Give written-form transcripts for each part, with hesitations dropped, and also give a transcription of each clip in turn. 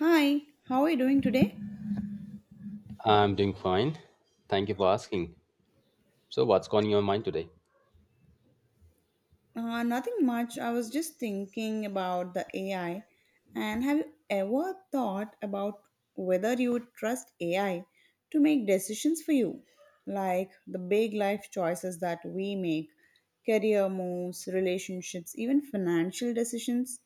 Hi, how are you doing today? I'm doing fine. Thank you for asking. So, what's on your mind today? Nothing much. I was just thinking about the AI. And have you ever thought about whether you would trust AI to make decisions for you? Like the big life choices that we make, career moves, relationships, even financial decisions.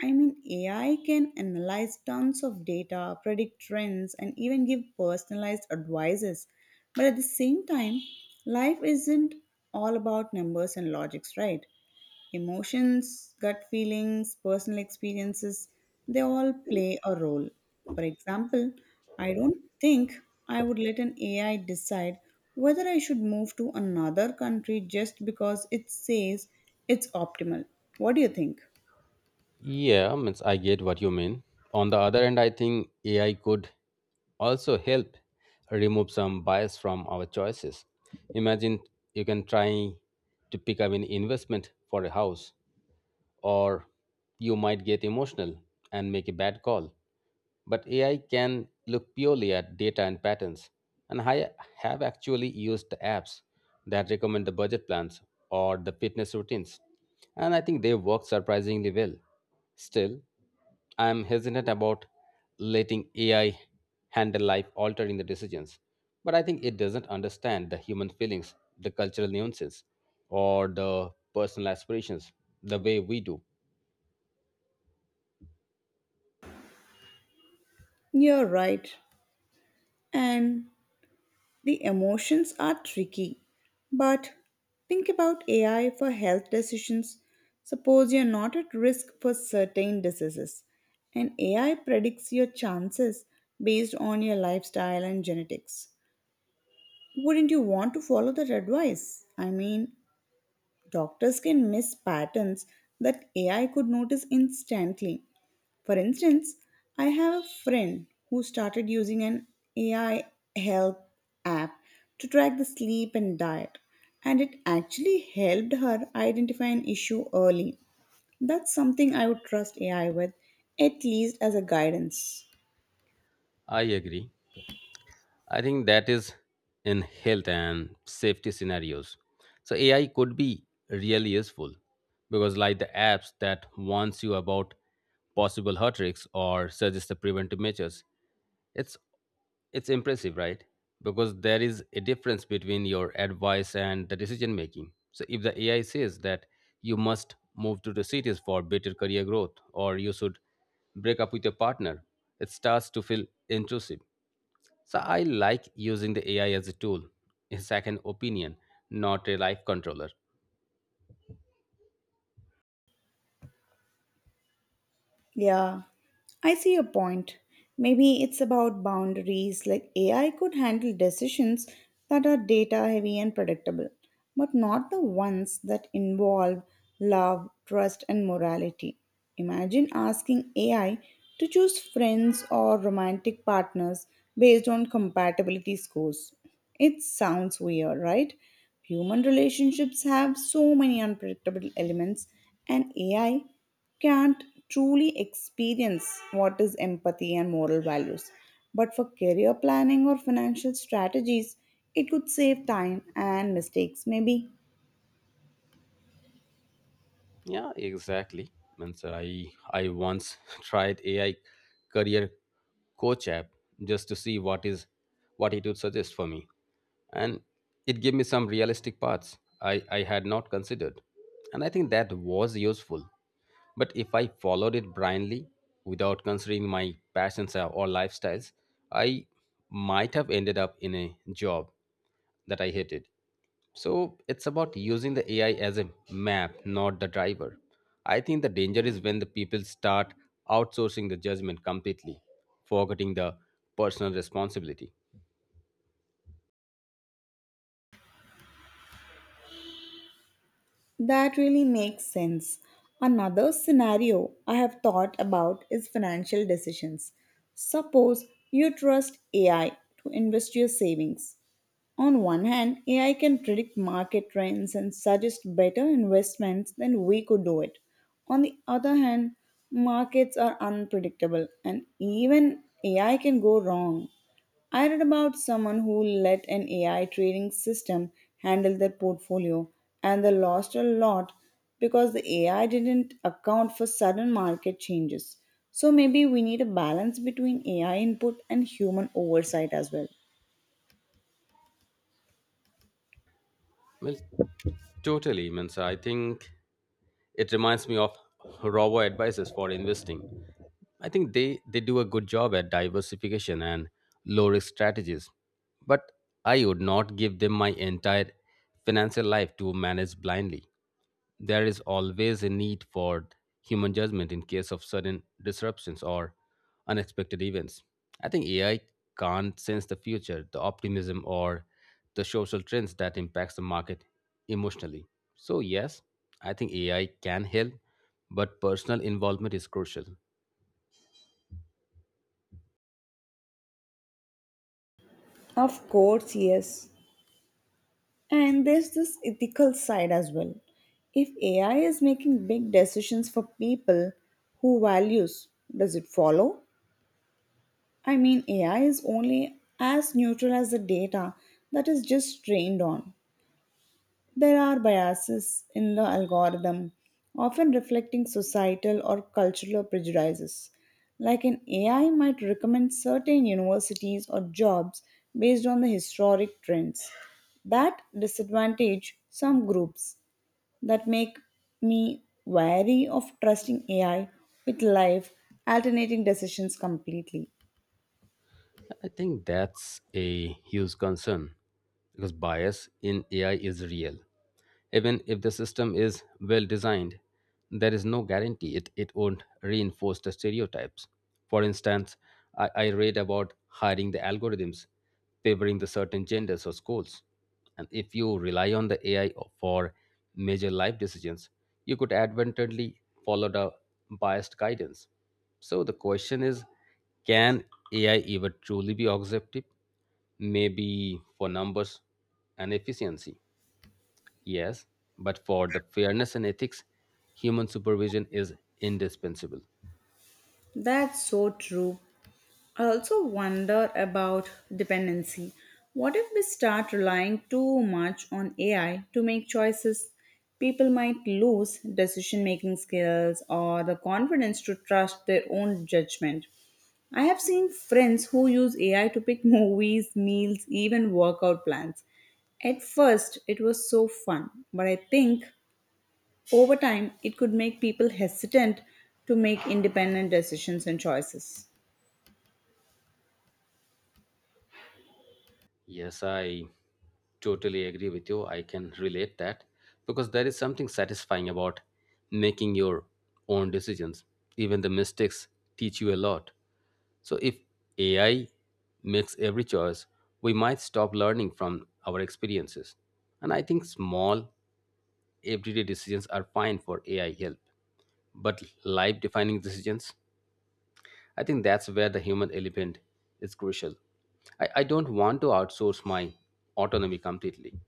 I mean, AI can analyze tons of data, predict trends, and even give personalized advices. But at the same time, life isn't all about numbers and logics, right? Emotions, gut feelings, personal experiences, they all play a role. For example, I don't think I would let an AI decide whether I should move to another country just because it says it's optimal. What do you think? Yeah, means I get what you mean. On the other hand, I think AI could also help remove some bias from our choices. Imagine you can try to pick up an investment for a house, or you might get emotional and make a bad call. But AI can look purely at data and patterns. And I have actually used the apps that recommend the budget plans or the fitness routines. And I think they work surprisingly well. Still, I am hesitant about letting AI handle life altering the decisions. But I think it doesn't understand the human feelings, the cultural nuances, or the personal aspirations the way we do. You're right. And the emotions are tricky, but think about AI for health decisions. Suppose you're not at risk for certain diseases, and AI predicts your chances based on your lifestyle and genetics. Wouldn't you want to follow that advice? I mean, doctors can miss patterns that AI could notice instantly. For instance, I have a friend who started using an AI health app to track the sleep and diet, and it actually helped her identify an issue early. That's something I would trust AI with, at least as a guidance. I agree. I think that is in health and safety scenarios. So AI could be really useful because like the apps that warns you about possible heart risks or suggest the preventive measures, it's it's impressive, right? Because there is a difference between your advice and the decision making. So if the AI says that you must move to the cities for better career growth or you should break up with your partner, it starts to feel intrusive. So I like using the AI as a tool, a second opinion, not a life controller. Yeah, I see your point. Maybe it's about boundaries, like AI could handle decisions that are data heavy and predictable, but not the ones that involve love, trust, and morality. Imagine asking AI to choose friends or romantic partners based on compatibility scores. It sounds weird, right? Human relationships have so many unpredictable elements, and AI can't truly experience what is empathy and moral values. But for career planning or financial strategies, it could save time and mistakes, maybe. Yeah, exactly. Means I once tried AI career coach app just to see what it would suggest for me. And it gave me some realistic paths I had not considered. And I think that was useful. But if I followed it blindly, without considering my passions or lifestyles, I might have ended up in a job that I hated. So it's about using the AI as a map, not the driver. I think the danger is when the people start outsourcing the judgment completely, forgetting the personal responsibility. That really makes sense. Another scenario I have thought about is financial decisions. Suppose you trust AI to invest your savings. On one hand, AI can predict market trends and suggest better investments than we could do it. On the other hand, markets are unpredictable and even AI can go wrong. I read about someone who let an AI trading system handle their portfolio and they lost a lot because the AI didn't account for sudden market changes. So maybe we need a balance between AI input and human oversight as well. Well, totally, Mensa. I think it reminds me of robo advisors for investing. I think they do a good job at diversification and low risk strategies. But I would not give them my entire financial life to manage blindly. There is always a need for human judgment in case of sudden disruptions or unexpected events. I think AI can't sense the future, the optimism, or the social trends that impacts the market emotionally. So yes, I think AI can help, but personal involvement is crucial. Of course, yes. And there's this ethical side as well. If AI is making big decisions for people, who values does it follow? I mean, AI is only as neutral as the data that is just trained on. There are biases in the algorithm, often reflecting societal or cultural prejudices. Like an AI might recommend certain universities or jobs based on the historic trends that disadvantage some groups, that make me wary of trusting AI with life alternating decisions completely. I think that's a huge concern because bias in AI is real. Even if the system is well designed, there is no guarantee it won't reinforce the stereotypes. For instance, I read about hiring the algorithms favoring the certain genders or schools. And if you rely on the AI for major life decisions, you could advantageously follow the biased guidance. So the question is, can AI ever truly be objective? Maybe for numbers and efficiency, yes, but for the fairness and ethics, human supervision is indispensable. That's so true. I also wonder about dependency. What if we start relying too much on AI to make choices? People might lose decision making skills or the confidence to trust their own judgment. I have seen friends who use AI to pick movies, meals, even workout plans. At first, it was so fun, but I think over time it could make people hesitant to make independent decisions and choices. Yes, I totally agree with you. I can relate that because there is something satisfying about making your own decisions. Even the mistakes teach you a lot. So if AI makes every choice, we might stop learning from our experiences. And I think small, everyday decisions are fine for AI help. But life defining decisions, I think that's where the human element is crucial. I don't want to outsource my autonomy completely.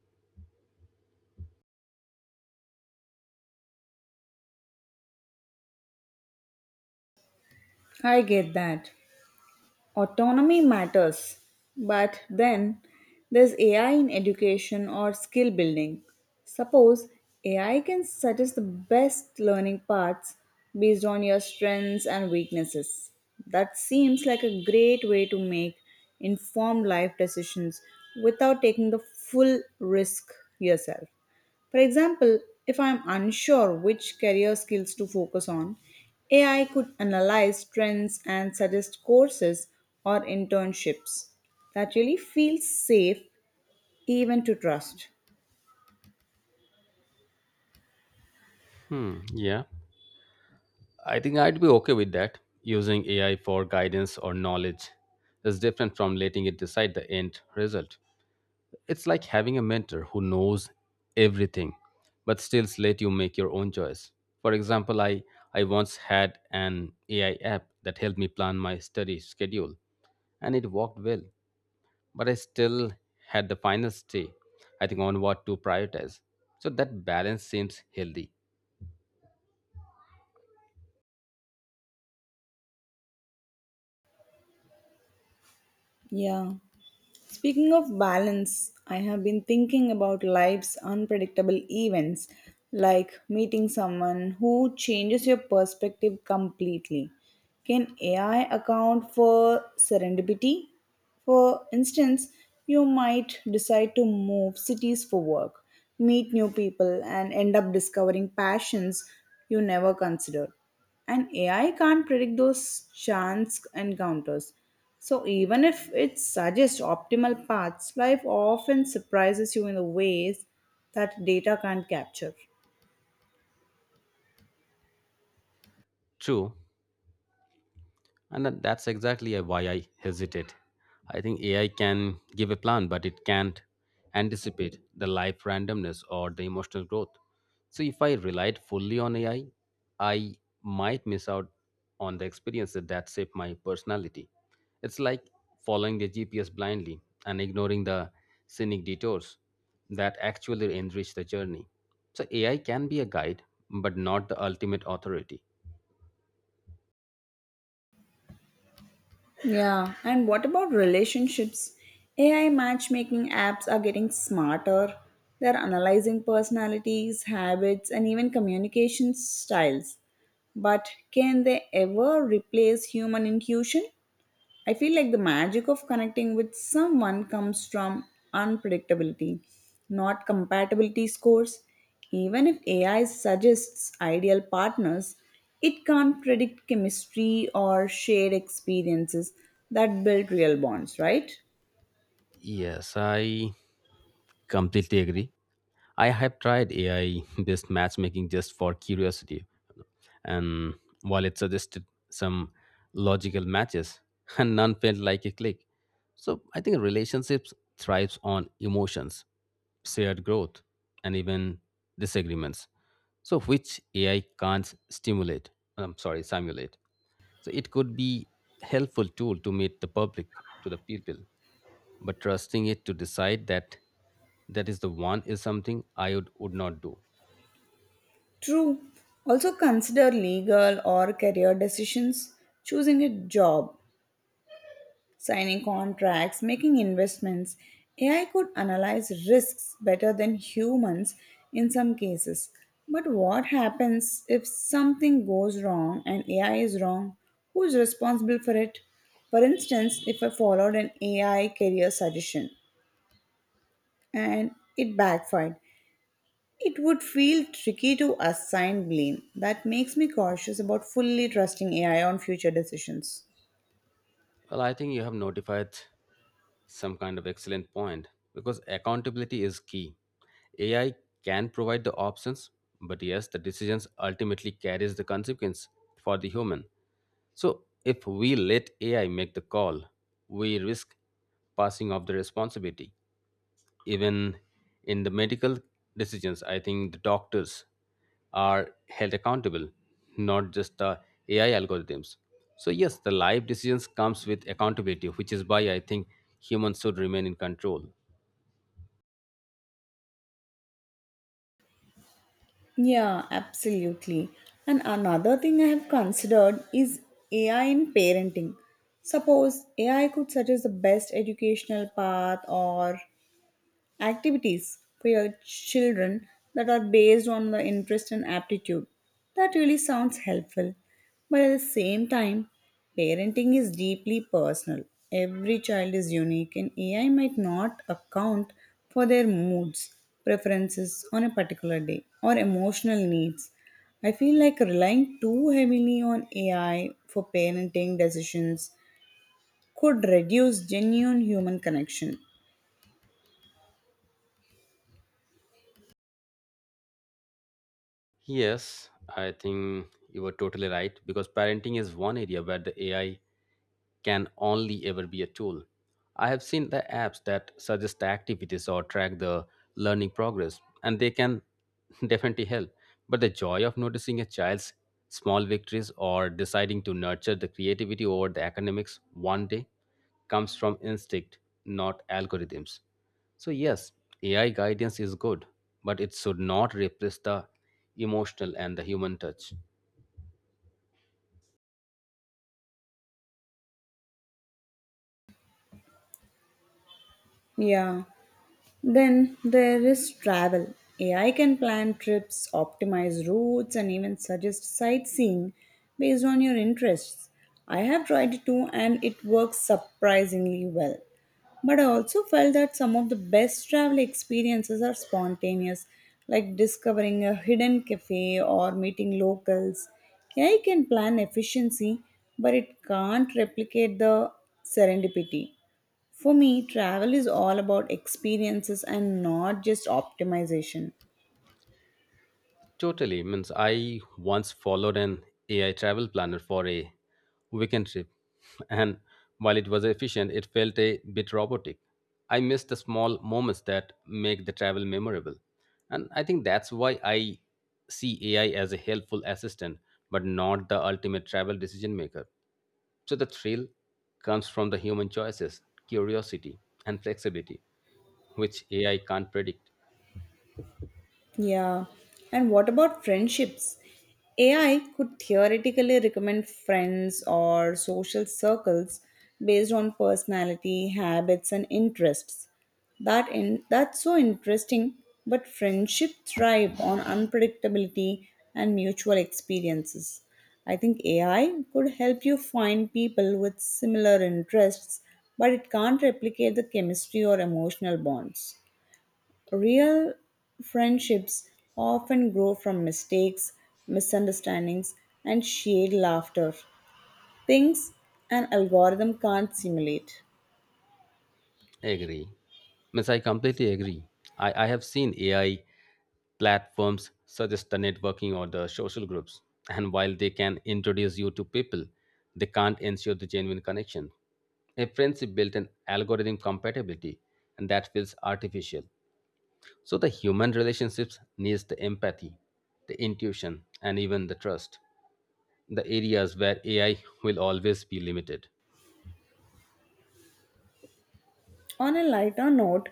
I get that. Autonomy matters, but then there's AI in education or skill building. Suppose AI can suggest the best learning paths based on your strengths and weaknesses. That seems like a great way to make informed life decisions without taking the full risk yourself. For example, if I am unsure which career skills to focus on, AI could analyze trends and suggest courses or internships. That really feels safe even to trust. Hmm, yeah. I think I'd be okay with that. Using AI for guidance or knowledge is different from letting it decide the end result. It's like having a mentor who knows everything but still let you make your own choice. For example, I once had an AI app that helped me plan my study schedule and it worked well, but I still had the final say, I think, on what to prioritize. So that balance seems healthy. Yeah. Speaking of balance, I have been thinking about life's unpredictable events, like meeting someone who changes your perspective completely. Can AI account for serendipity? For instance, you might decide to move cities for work, meet new people, and end up discovering passions you never considered. And AI can't predict those chance encounters. So, even if it suggests optimal paths, life often surprises you in the ways that data can't capture. True. That's exactly why I hesitate. I think AI can give a plan, but it can't anticipate the life randomness or the emotional growth. So if I relied fully on AI, I might miss out on the experiences that shape my personality. It's like following the GPS blindly and ignoring the scenic detours that actually enrich the journey. So AI can be a guide, but not the ultimate authority. Yeah, and what about relationships? AI matchmaking apps are getting smarter. They're analyzing personalities, habits, and even communication styles. But can they ever replace human intuition? I feel like the magic of connecting with someone comes from unpredictability, not compatibility scores. Even if AI suggests ideal partners, it can't predict chemistry or shared experiences that build real bonds, right? Yes, I completely agree. I have tried AI based matchmaking just for curiosity. And while it suggested some logical matches, and none felt like a click. So I think relationships thrives on emotions, shared growth, and even disagreements. So which AI can't simulate. So it could be helpful tool to meet to the people, but trusting it to decide that that is the one is something I would not do. True. Also consider legal or career decisions. Choosing a job, signing contracts, making investments. AI could analyze risks better than humans in some cases. But what happens if something goes wrong and AI is wrong? Who is responsible for it? For instance, if I followed an AI career suggestion and it backfired, it would feel tricky to assign blame. That makes me cautious about fully trusting AI on future decisions. Well, I think you have notified some kind of excellent point because accountability is key. AI can provide the options, but yes, the decisions ultimately carries the consequence for the human. So if we let AI make the call, we risk passing off the responsibility. Even in the medical decisions, I think the doctors are held accountable, not just the AI algorithms. So yes, the life decisions comes with accountability, which is why I think humans should remain in control. Yeah, absolutely. And another thing I have considered is AI in parenting. Suppose AI could suggest the best educational path or activities for your children that are based on the interest and aptitude. That really sounds helpful. But at the same time, parenting is deeply personal. Every child is unique, and AI might not account for their moods, preferences on a particular day, or emotional needs. I feel like relying too heavily on AI for parenting decisions could reduce genuine human connection. Yes, I think you were totally right because parenting is one area where the AI can only ever be a tool. I have seen the apps that suggest activities or track the learning progress, and they can definitely help. But the joy of noticing a child's small victories or deciding to nurture the creativity over the academics one day comes from instinct, not algorithms. So, yes, AI guidance is good, but it should not replace the emotional and the human touch. Yeah. Then there is travel. AI can plan trips, optimize routes, and even suggest sightseeing based on your interests. I have tried it too, and it works surprisingly well. But I also felt that some of the best travel experiences are spontaneous, like discovering a hidden cafe or meeting locals. AI can plan efficiency, but it can't replicate the serendipity. For me, travel is all about experiences and not just optimization. Totally. Means I once followed an AI travel planner for a weekend trip, and while it was efficient, it felt a bit robotic. I missed the small moments that make the travel memorable. And I think that's why I see AI as a helpful assistant, but not the ultimate travel decision maker. So the thrill comes from the human choices, curiosity, and flexibility, which AI can't predict. Yeah. And what about friendships? AI could theoretically recommend friends or social circles based on personality, habits, and interests. That's so interesting, but friendship thrive on unpredictability and mutual experiences. I think AI could help you find people with similar interests, but it can't replicate the chemistry or emotional bonds. Real friendships often grow from mistakes, misunderstandings, and shared laughter, things an algorithm can't simulate. Agree. Means I completely agree. I have seen AI platforms such as the networking or the social groups. And while they can introduce you to people, they can't ensure the genuine connection. A friendship built on algorithm compatibility, and that feels artificial. So the human relationships needs the empathy, the intuition, and even the trust. The areas where AI will always be limited. On a lighter note,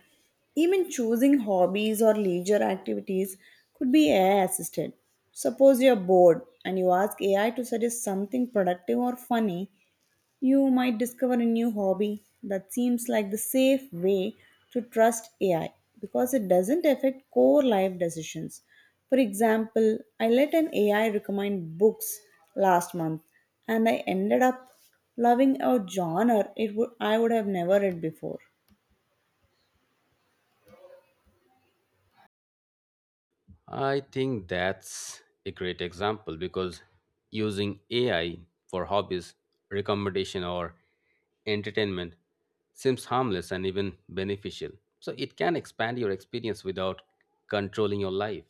even choosing hobbies or leisure activities could be AI assisted. Suppose you're bored and you ask AI to suggest something productive or funny, you might discover a new hobby that seems like the safe way to trust AI because it doesn't affect core life decisions. For example, I let an AI recommend books last month and I ended up loving a genre it would I would have never read before. I think that's a great example because using AI for hobbies, recommendation, or entertainment seems harmless and even beneficial. So it can expand your experience without controlling your life.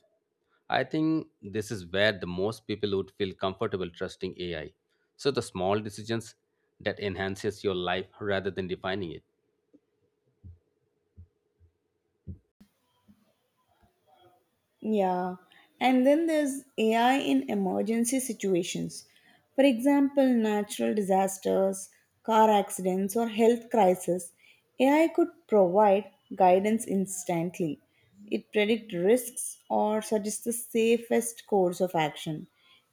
I think this is where the most people would feel comfortable trusting AI. So the small decisions that enhances your life rather than defining it. Yeah, and then there's AI in emergency situations. For example, natural disasters, car accidents, or health crisis. AI could provide guidance instantly. It predicts risks or suggests the safest course of action.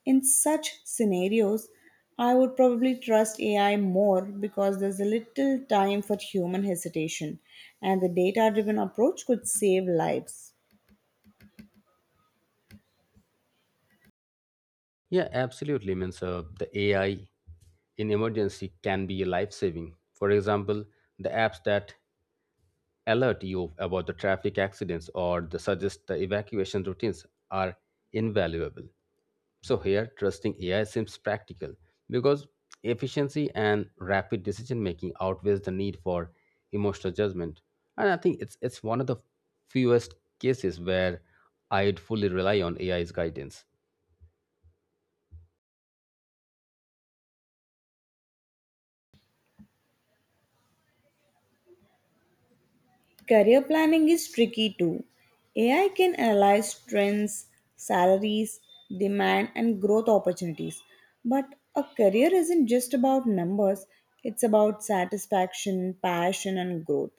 In such scenarios, I would probably trust AI more because there's a little time for human hesitation, and the data driven approach could save lives. Yeah, absolutely. Means the AI in emergency can be life saving. For example, the apps that alert you about the traffic accidents or the suggest the evacuation routines are invaluable. So here trusting AI seems practical because efficiency and rapid decision making outweighs the need for emotional judgment. And I think it's one of the fewest cases where I'd fully rely on AI's guidance. Career planning is tricky too. AI can analyze trends, salaries, demand, and growth opportunities. But a career isn't just about numbers, it's about satisfaction, passion, and growth.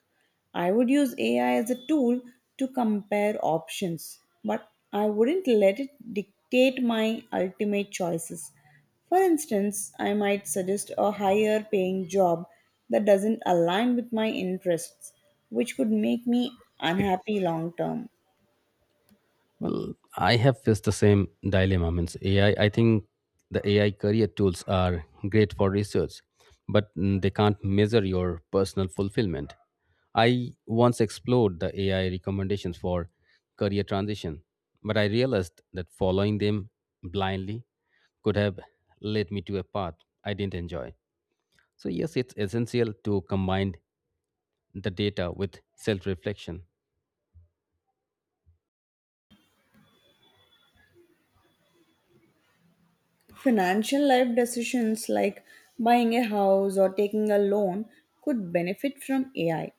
I would use AI as a tool to compare options, but I wouldn't let it dictate my ultimate choices. For instance, I might suggest a higher paying job that doesn't align with my interests, which could make me unhappy long term. Well, I have faced the same dilemma. Means AI, I think the AI career tools are great for research, but they can't measure your personal fulfillment. I once explored the AI recommendations for career transition, but I realized that following them blindly could have led me to a path I didn't enjoy. So, yes, it's essential to combine the data with self reflection. Financial life decisions like buying a house or taking a loan could benefit from AI.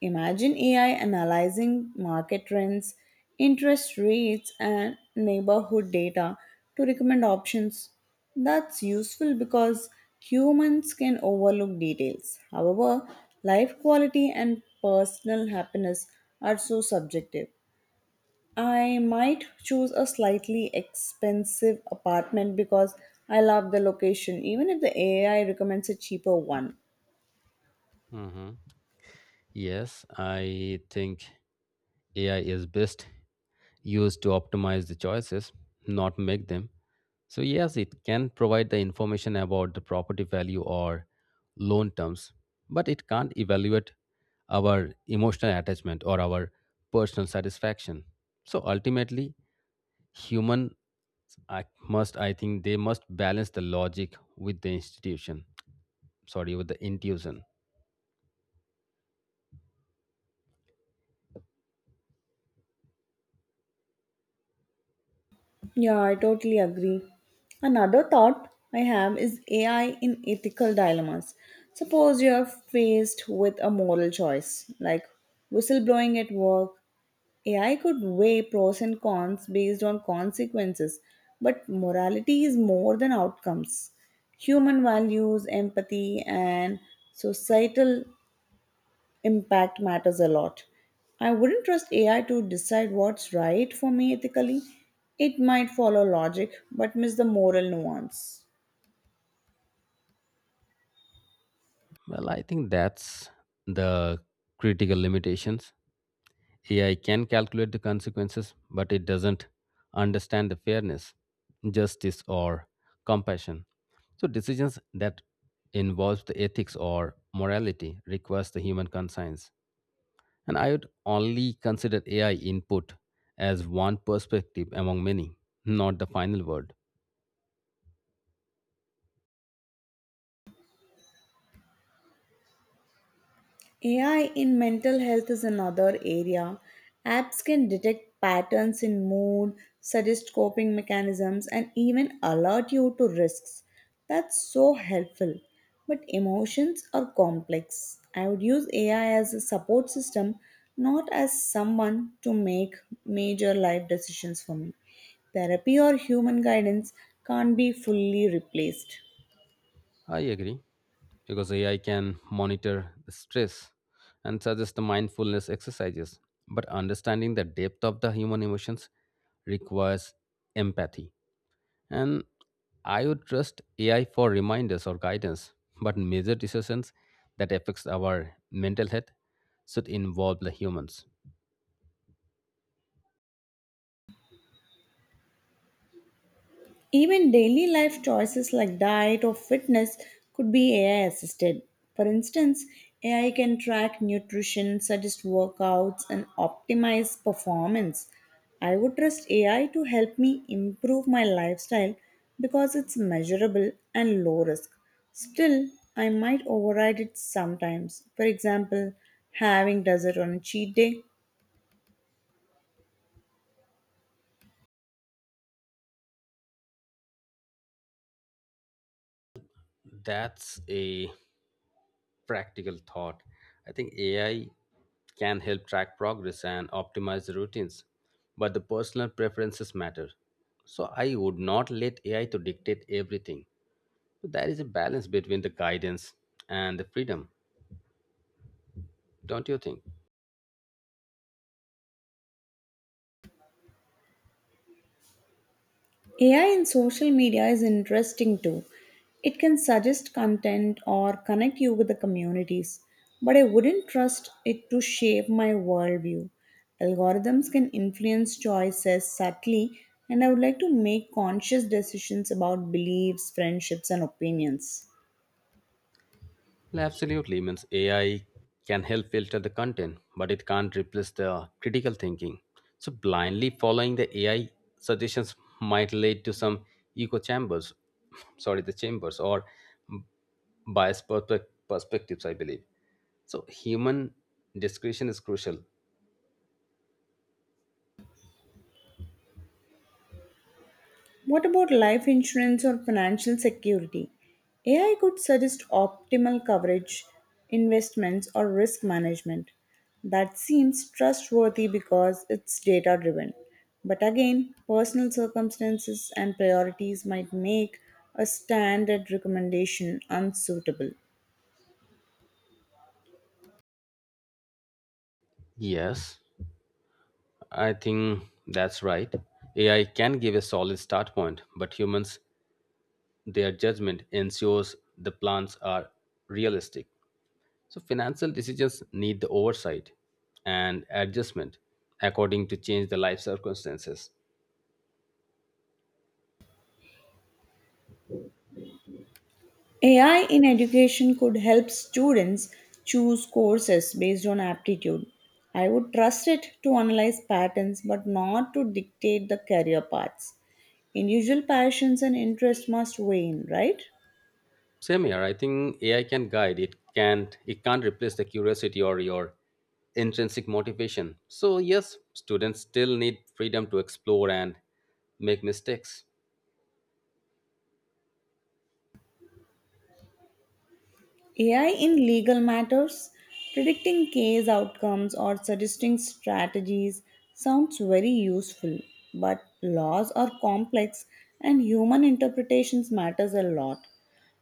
Imagine AI analyzing market trends, interest rates, and neighborhood data to recommend options. That's useful because humans can overlook details. However, life quality and personal happiness are so subjective. I might choose a slightly expensive apartment because I love the location, even if the AI recommends a cheaper one. Mhm. Yes, I think AI is best used to optimize the choices, not make them. So, yes, it can provide the information about the property value or loan terms, but it can't evaluate our emotional attachment or our personal satisfaction. So, ultimately, human I must, I think, they must balance the logic with the institution sorry with the intuition. Yeah, I totally agree. Another thought I have is AI in ethical dilemmas. Suppose you are faced with a moral choice, like whistleblowing at work. AI could weigh pros and cons based on consequences, but morality is more than outcomes. Human values, empathy, and societal impact matters a lot. I wouldn't trust AI to decide what's right for me ethically. It might follow logic but miss the moral nuance. Well, I think that's the critical limitations. AI can calculate the consequences, but it doesn't understand the fairness, justice, or compassion. So decisions that involve the ethics or morality requires the human conscience. And I would only consider AI input as one perspective among many, not the final word. AI in mental health is another area. Apps can detect patterns in mood, suggest coping mechanisms, and even alert you to risks. That's so helpful. But emotions are complex. I would use AI as a support system, not as someone to make major life decisions for me. Therapy or human guidance can't be fully replaced. I agree, because AI can monitor the stress and suggest the mindfulness exercises. But understanding the depth of the human emotions requires empathy. And I would trust AI for reminders or guidance, but major decisions that affects our mental health should involve the humans. Even daily life choices like diet or fitness could be AI assisted. For instance, AI can track nutrition, suggest workouts, and optimize performance. I would trust AI to help me improve my lifestyle because it's measurable and low risk. Still, I might override it sometimes. For example, having dessert on a cheat day. That's a practical thought. I think AI can help track progress and optimize the routines, but the personal preferences matter. So I would not let AI to dictate everything. So there is a balance between the guidance and the freedom, don't you think? AI in social media is interesting too. It can suggest content or connect you with the communities, but I wouldn't trust it to shape my worldview. Algorithms can influence choices subtly, and I would like to make conscious decisions about beliefs, friendships, and opinions. Well, absolutely means AI can help filter the content, but it can't replace the critical thinking. So blindly following the AI suggestions might lead to some echo chambers, sorry, the chambers or biased perspectives, I believe. So, human discretion is crucial. What about life insurance or financial security? AI could suggest optimal coverage, investments, or risk management. That seems trustworthy because it's data driven. But again, personal circumstances and priorities might make a standard recommendation unsuitable. Yes, I think that's right. AI can give a solid start point, but humans, their judgment ensures the plans are realistic. So, financial decisions need the oversight and adjustment according to change the life circumstances. AI in education could help students choose courses based on aptitude. I would trust it to analyze patterns but not to dictate the career paths. Individual passions and interests must weigh in, right? Same here. I think AI can guide. It can't replace the curiosity or your intrinsic motivation. So yes, students still need freedom to explore and make mistakes. AI in legal matters, predicting case outcomes or suggesting strategies, sounds very useful, but laws are complex and human interpretations matters a lot.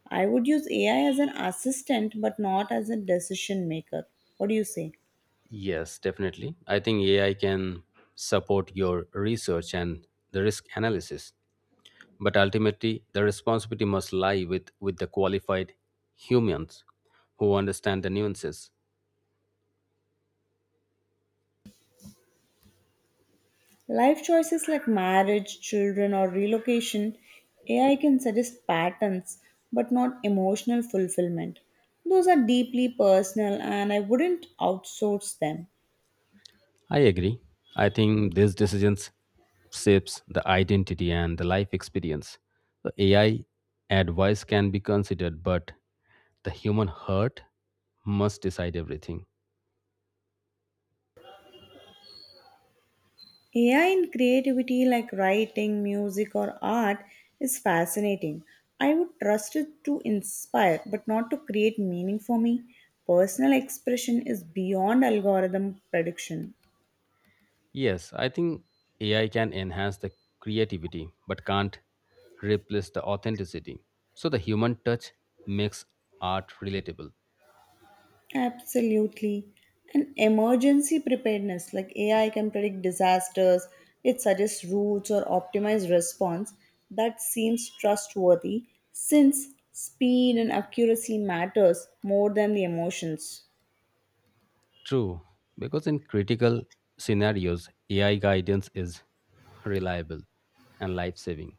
I would use AI as an assistant but not as a decision maker. What do you say? Yes, definitely. I think AI can support your research and the risk analysis, but ultimately the responsibility must lie with the qualified humans who understand the nuances. Life choices like marriage, children, or relocation, AI can suggest patterns but not emotional fulfillment. Those are deeply personal and I wouldn't outsource them. I agree. I think these decisions shapes the identity and the life experience. The AI advice can be considered, but the human heart must decide everything. AI in creativity like writing, music, or art is fascinating. I would trust it to inspire but not to create meaning for me. Personal expression is beyond algorithm prediction. Yes, I think AI can enhance the creativity, but can't replace the authenticity. So the human touch makes art relatable. Absolutely. And emergency preparedness, like AI can predict disasters, it suggests routes or optimize response, that seems trustworthy since speed and accuracy matters more than the emotions. True, because in critical scenarios, AI guidance is reliable and life saving.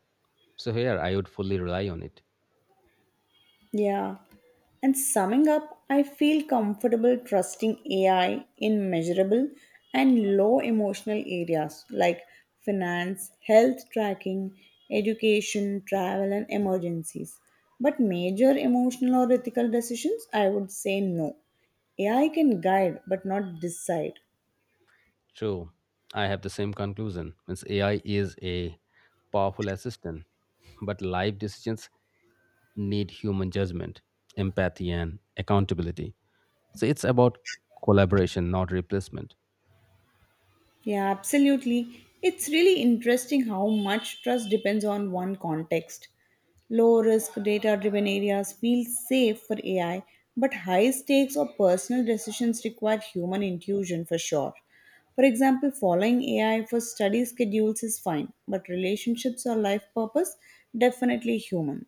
So here I would fully rely on it. Yeah. And summing up, I feel comfortable trusting AI in measurable and low emotional areas like finance, health tracking, education, travel, and emergencies. But major emotional or ethical decisions, I would say no. AI can guide but not decide. True, I have the same conclusion. Means AI is a powerful assistant, but life decisions need human judgment, empathy, and accountability. So it's about collaboration, not replacement. Yeah, absolutely. It's really interesting how much trust depends on one context. Low risk, data driven areas feel safe for AI, but high stakes or personal decisions require human intuition for sure. For example, following AI for study schedules is fine, but relationships or life purpose definitely human.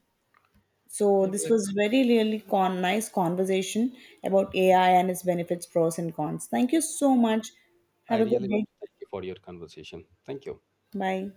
So this Exactly. was very really nice conversation about AI and its benefits, pros and cons. Thank you so much. I Have a good really want day. to thank you for your conversation. Thank you. Bye.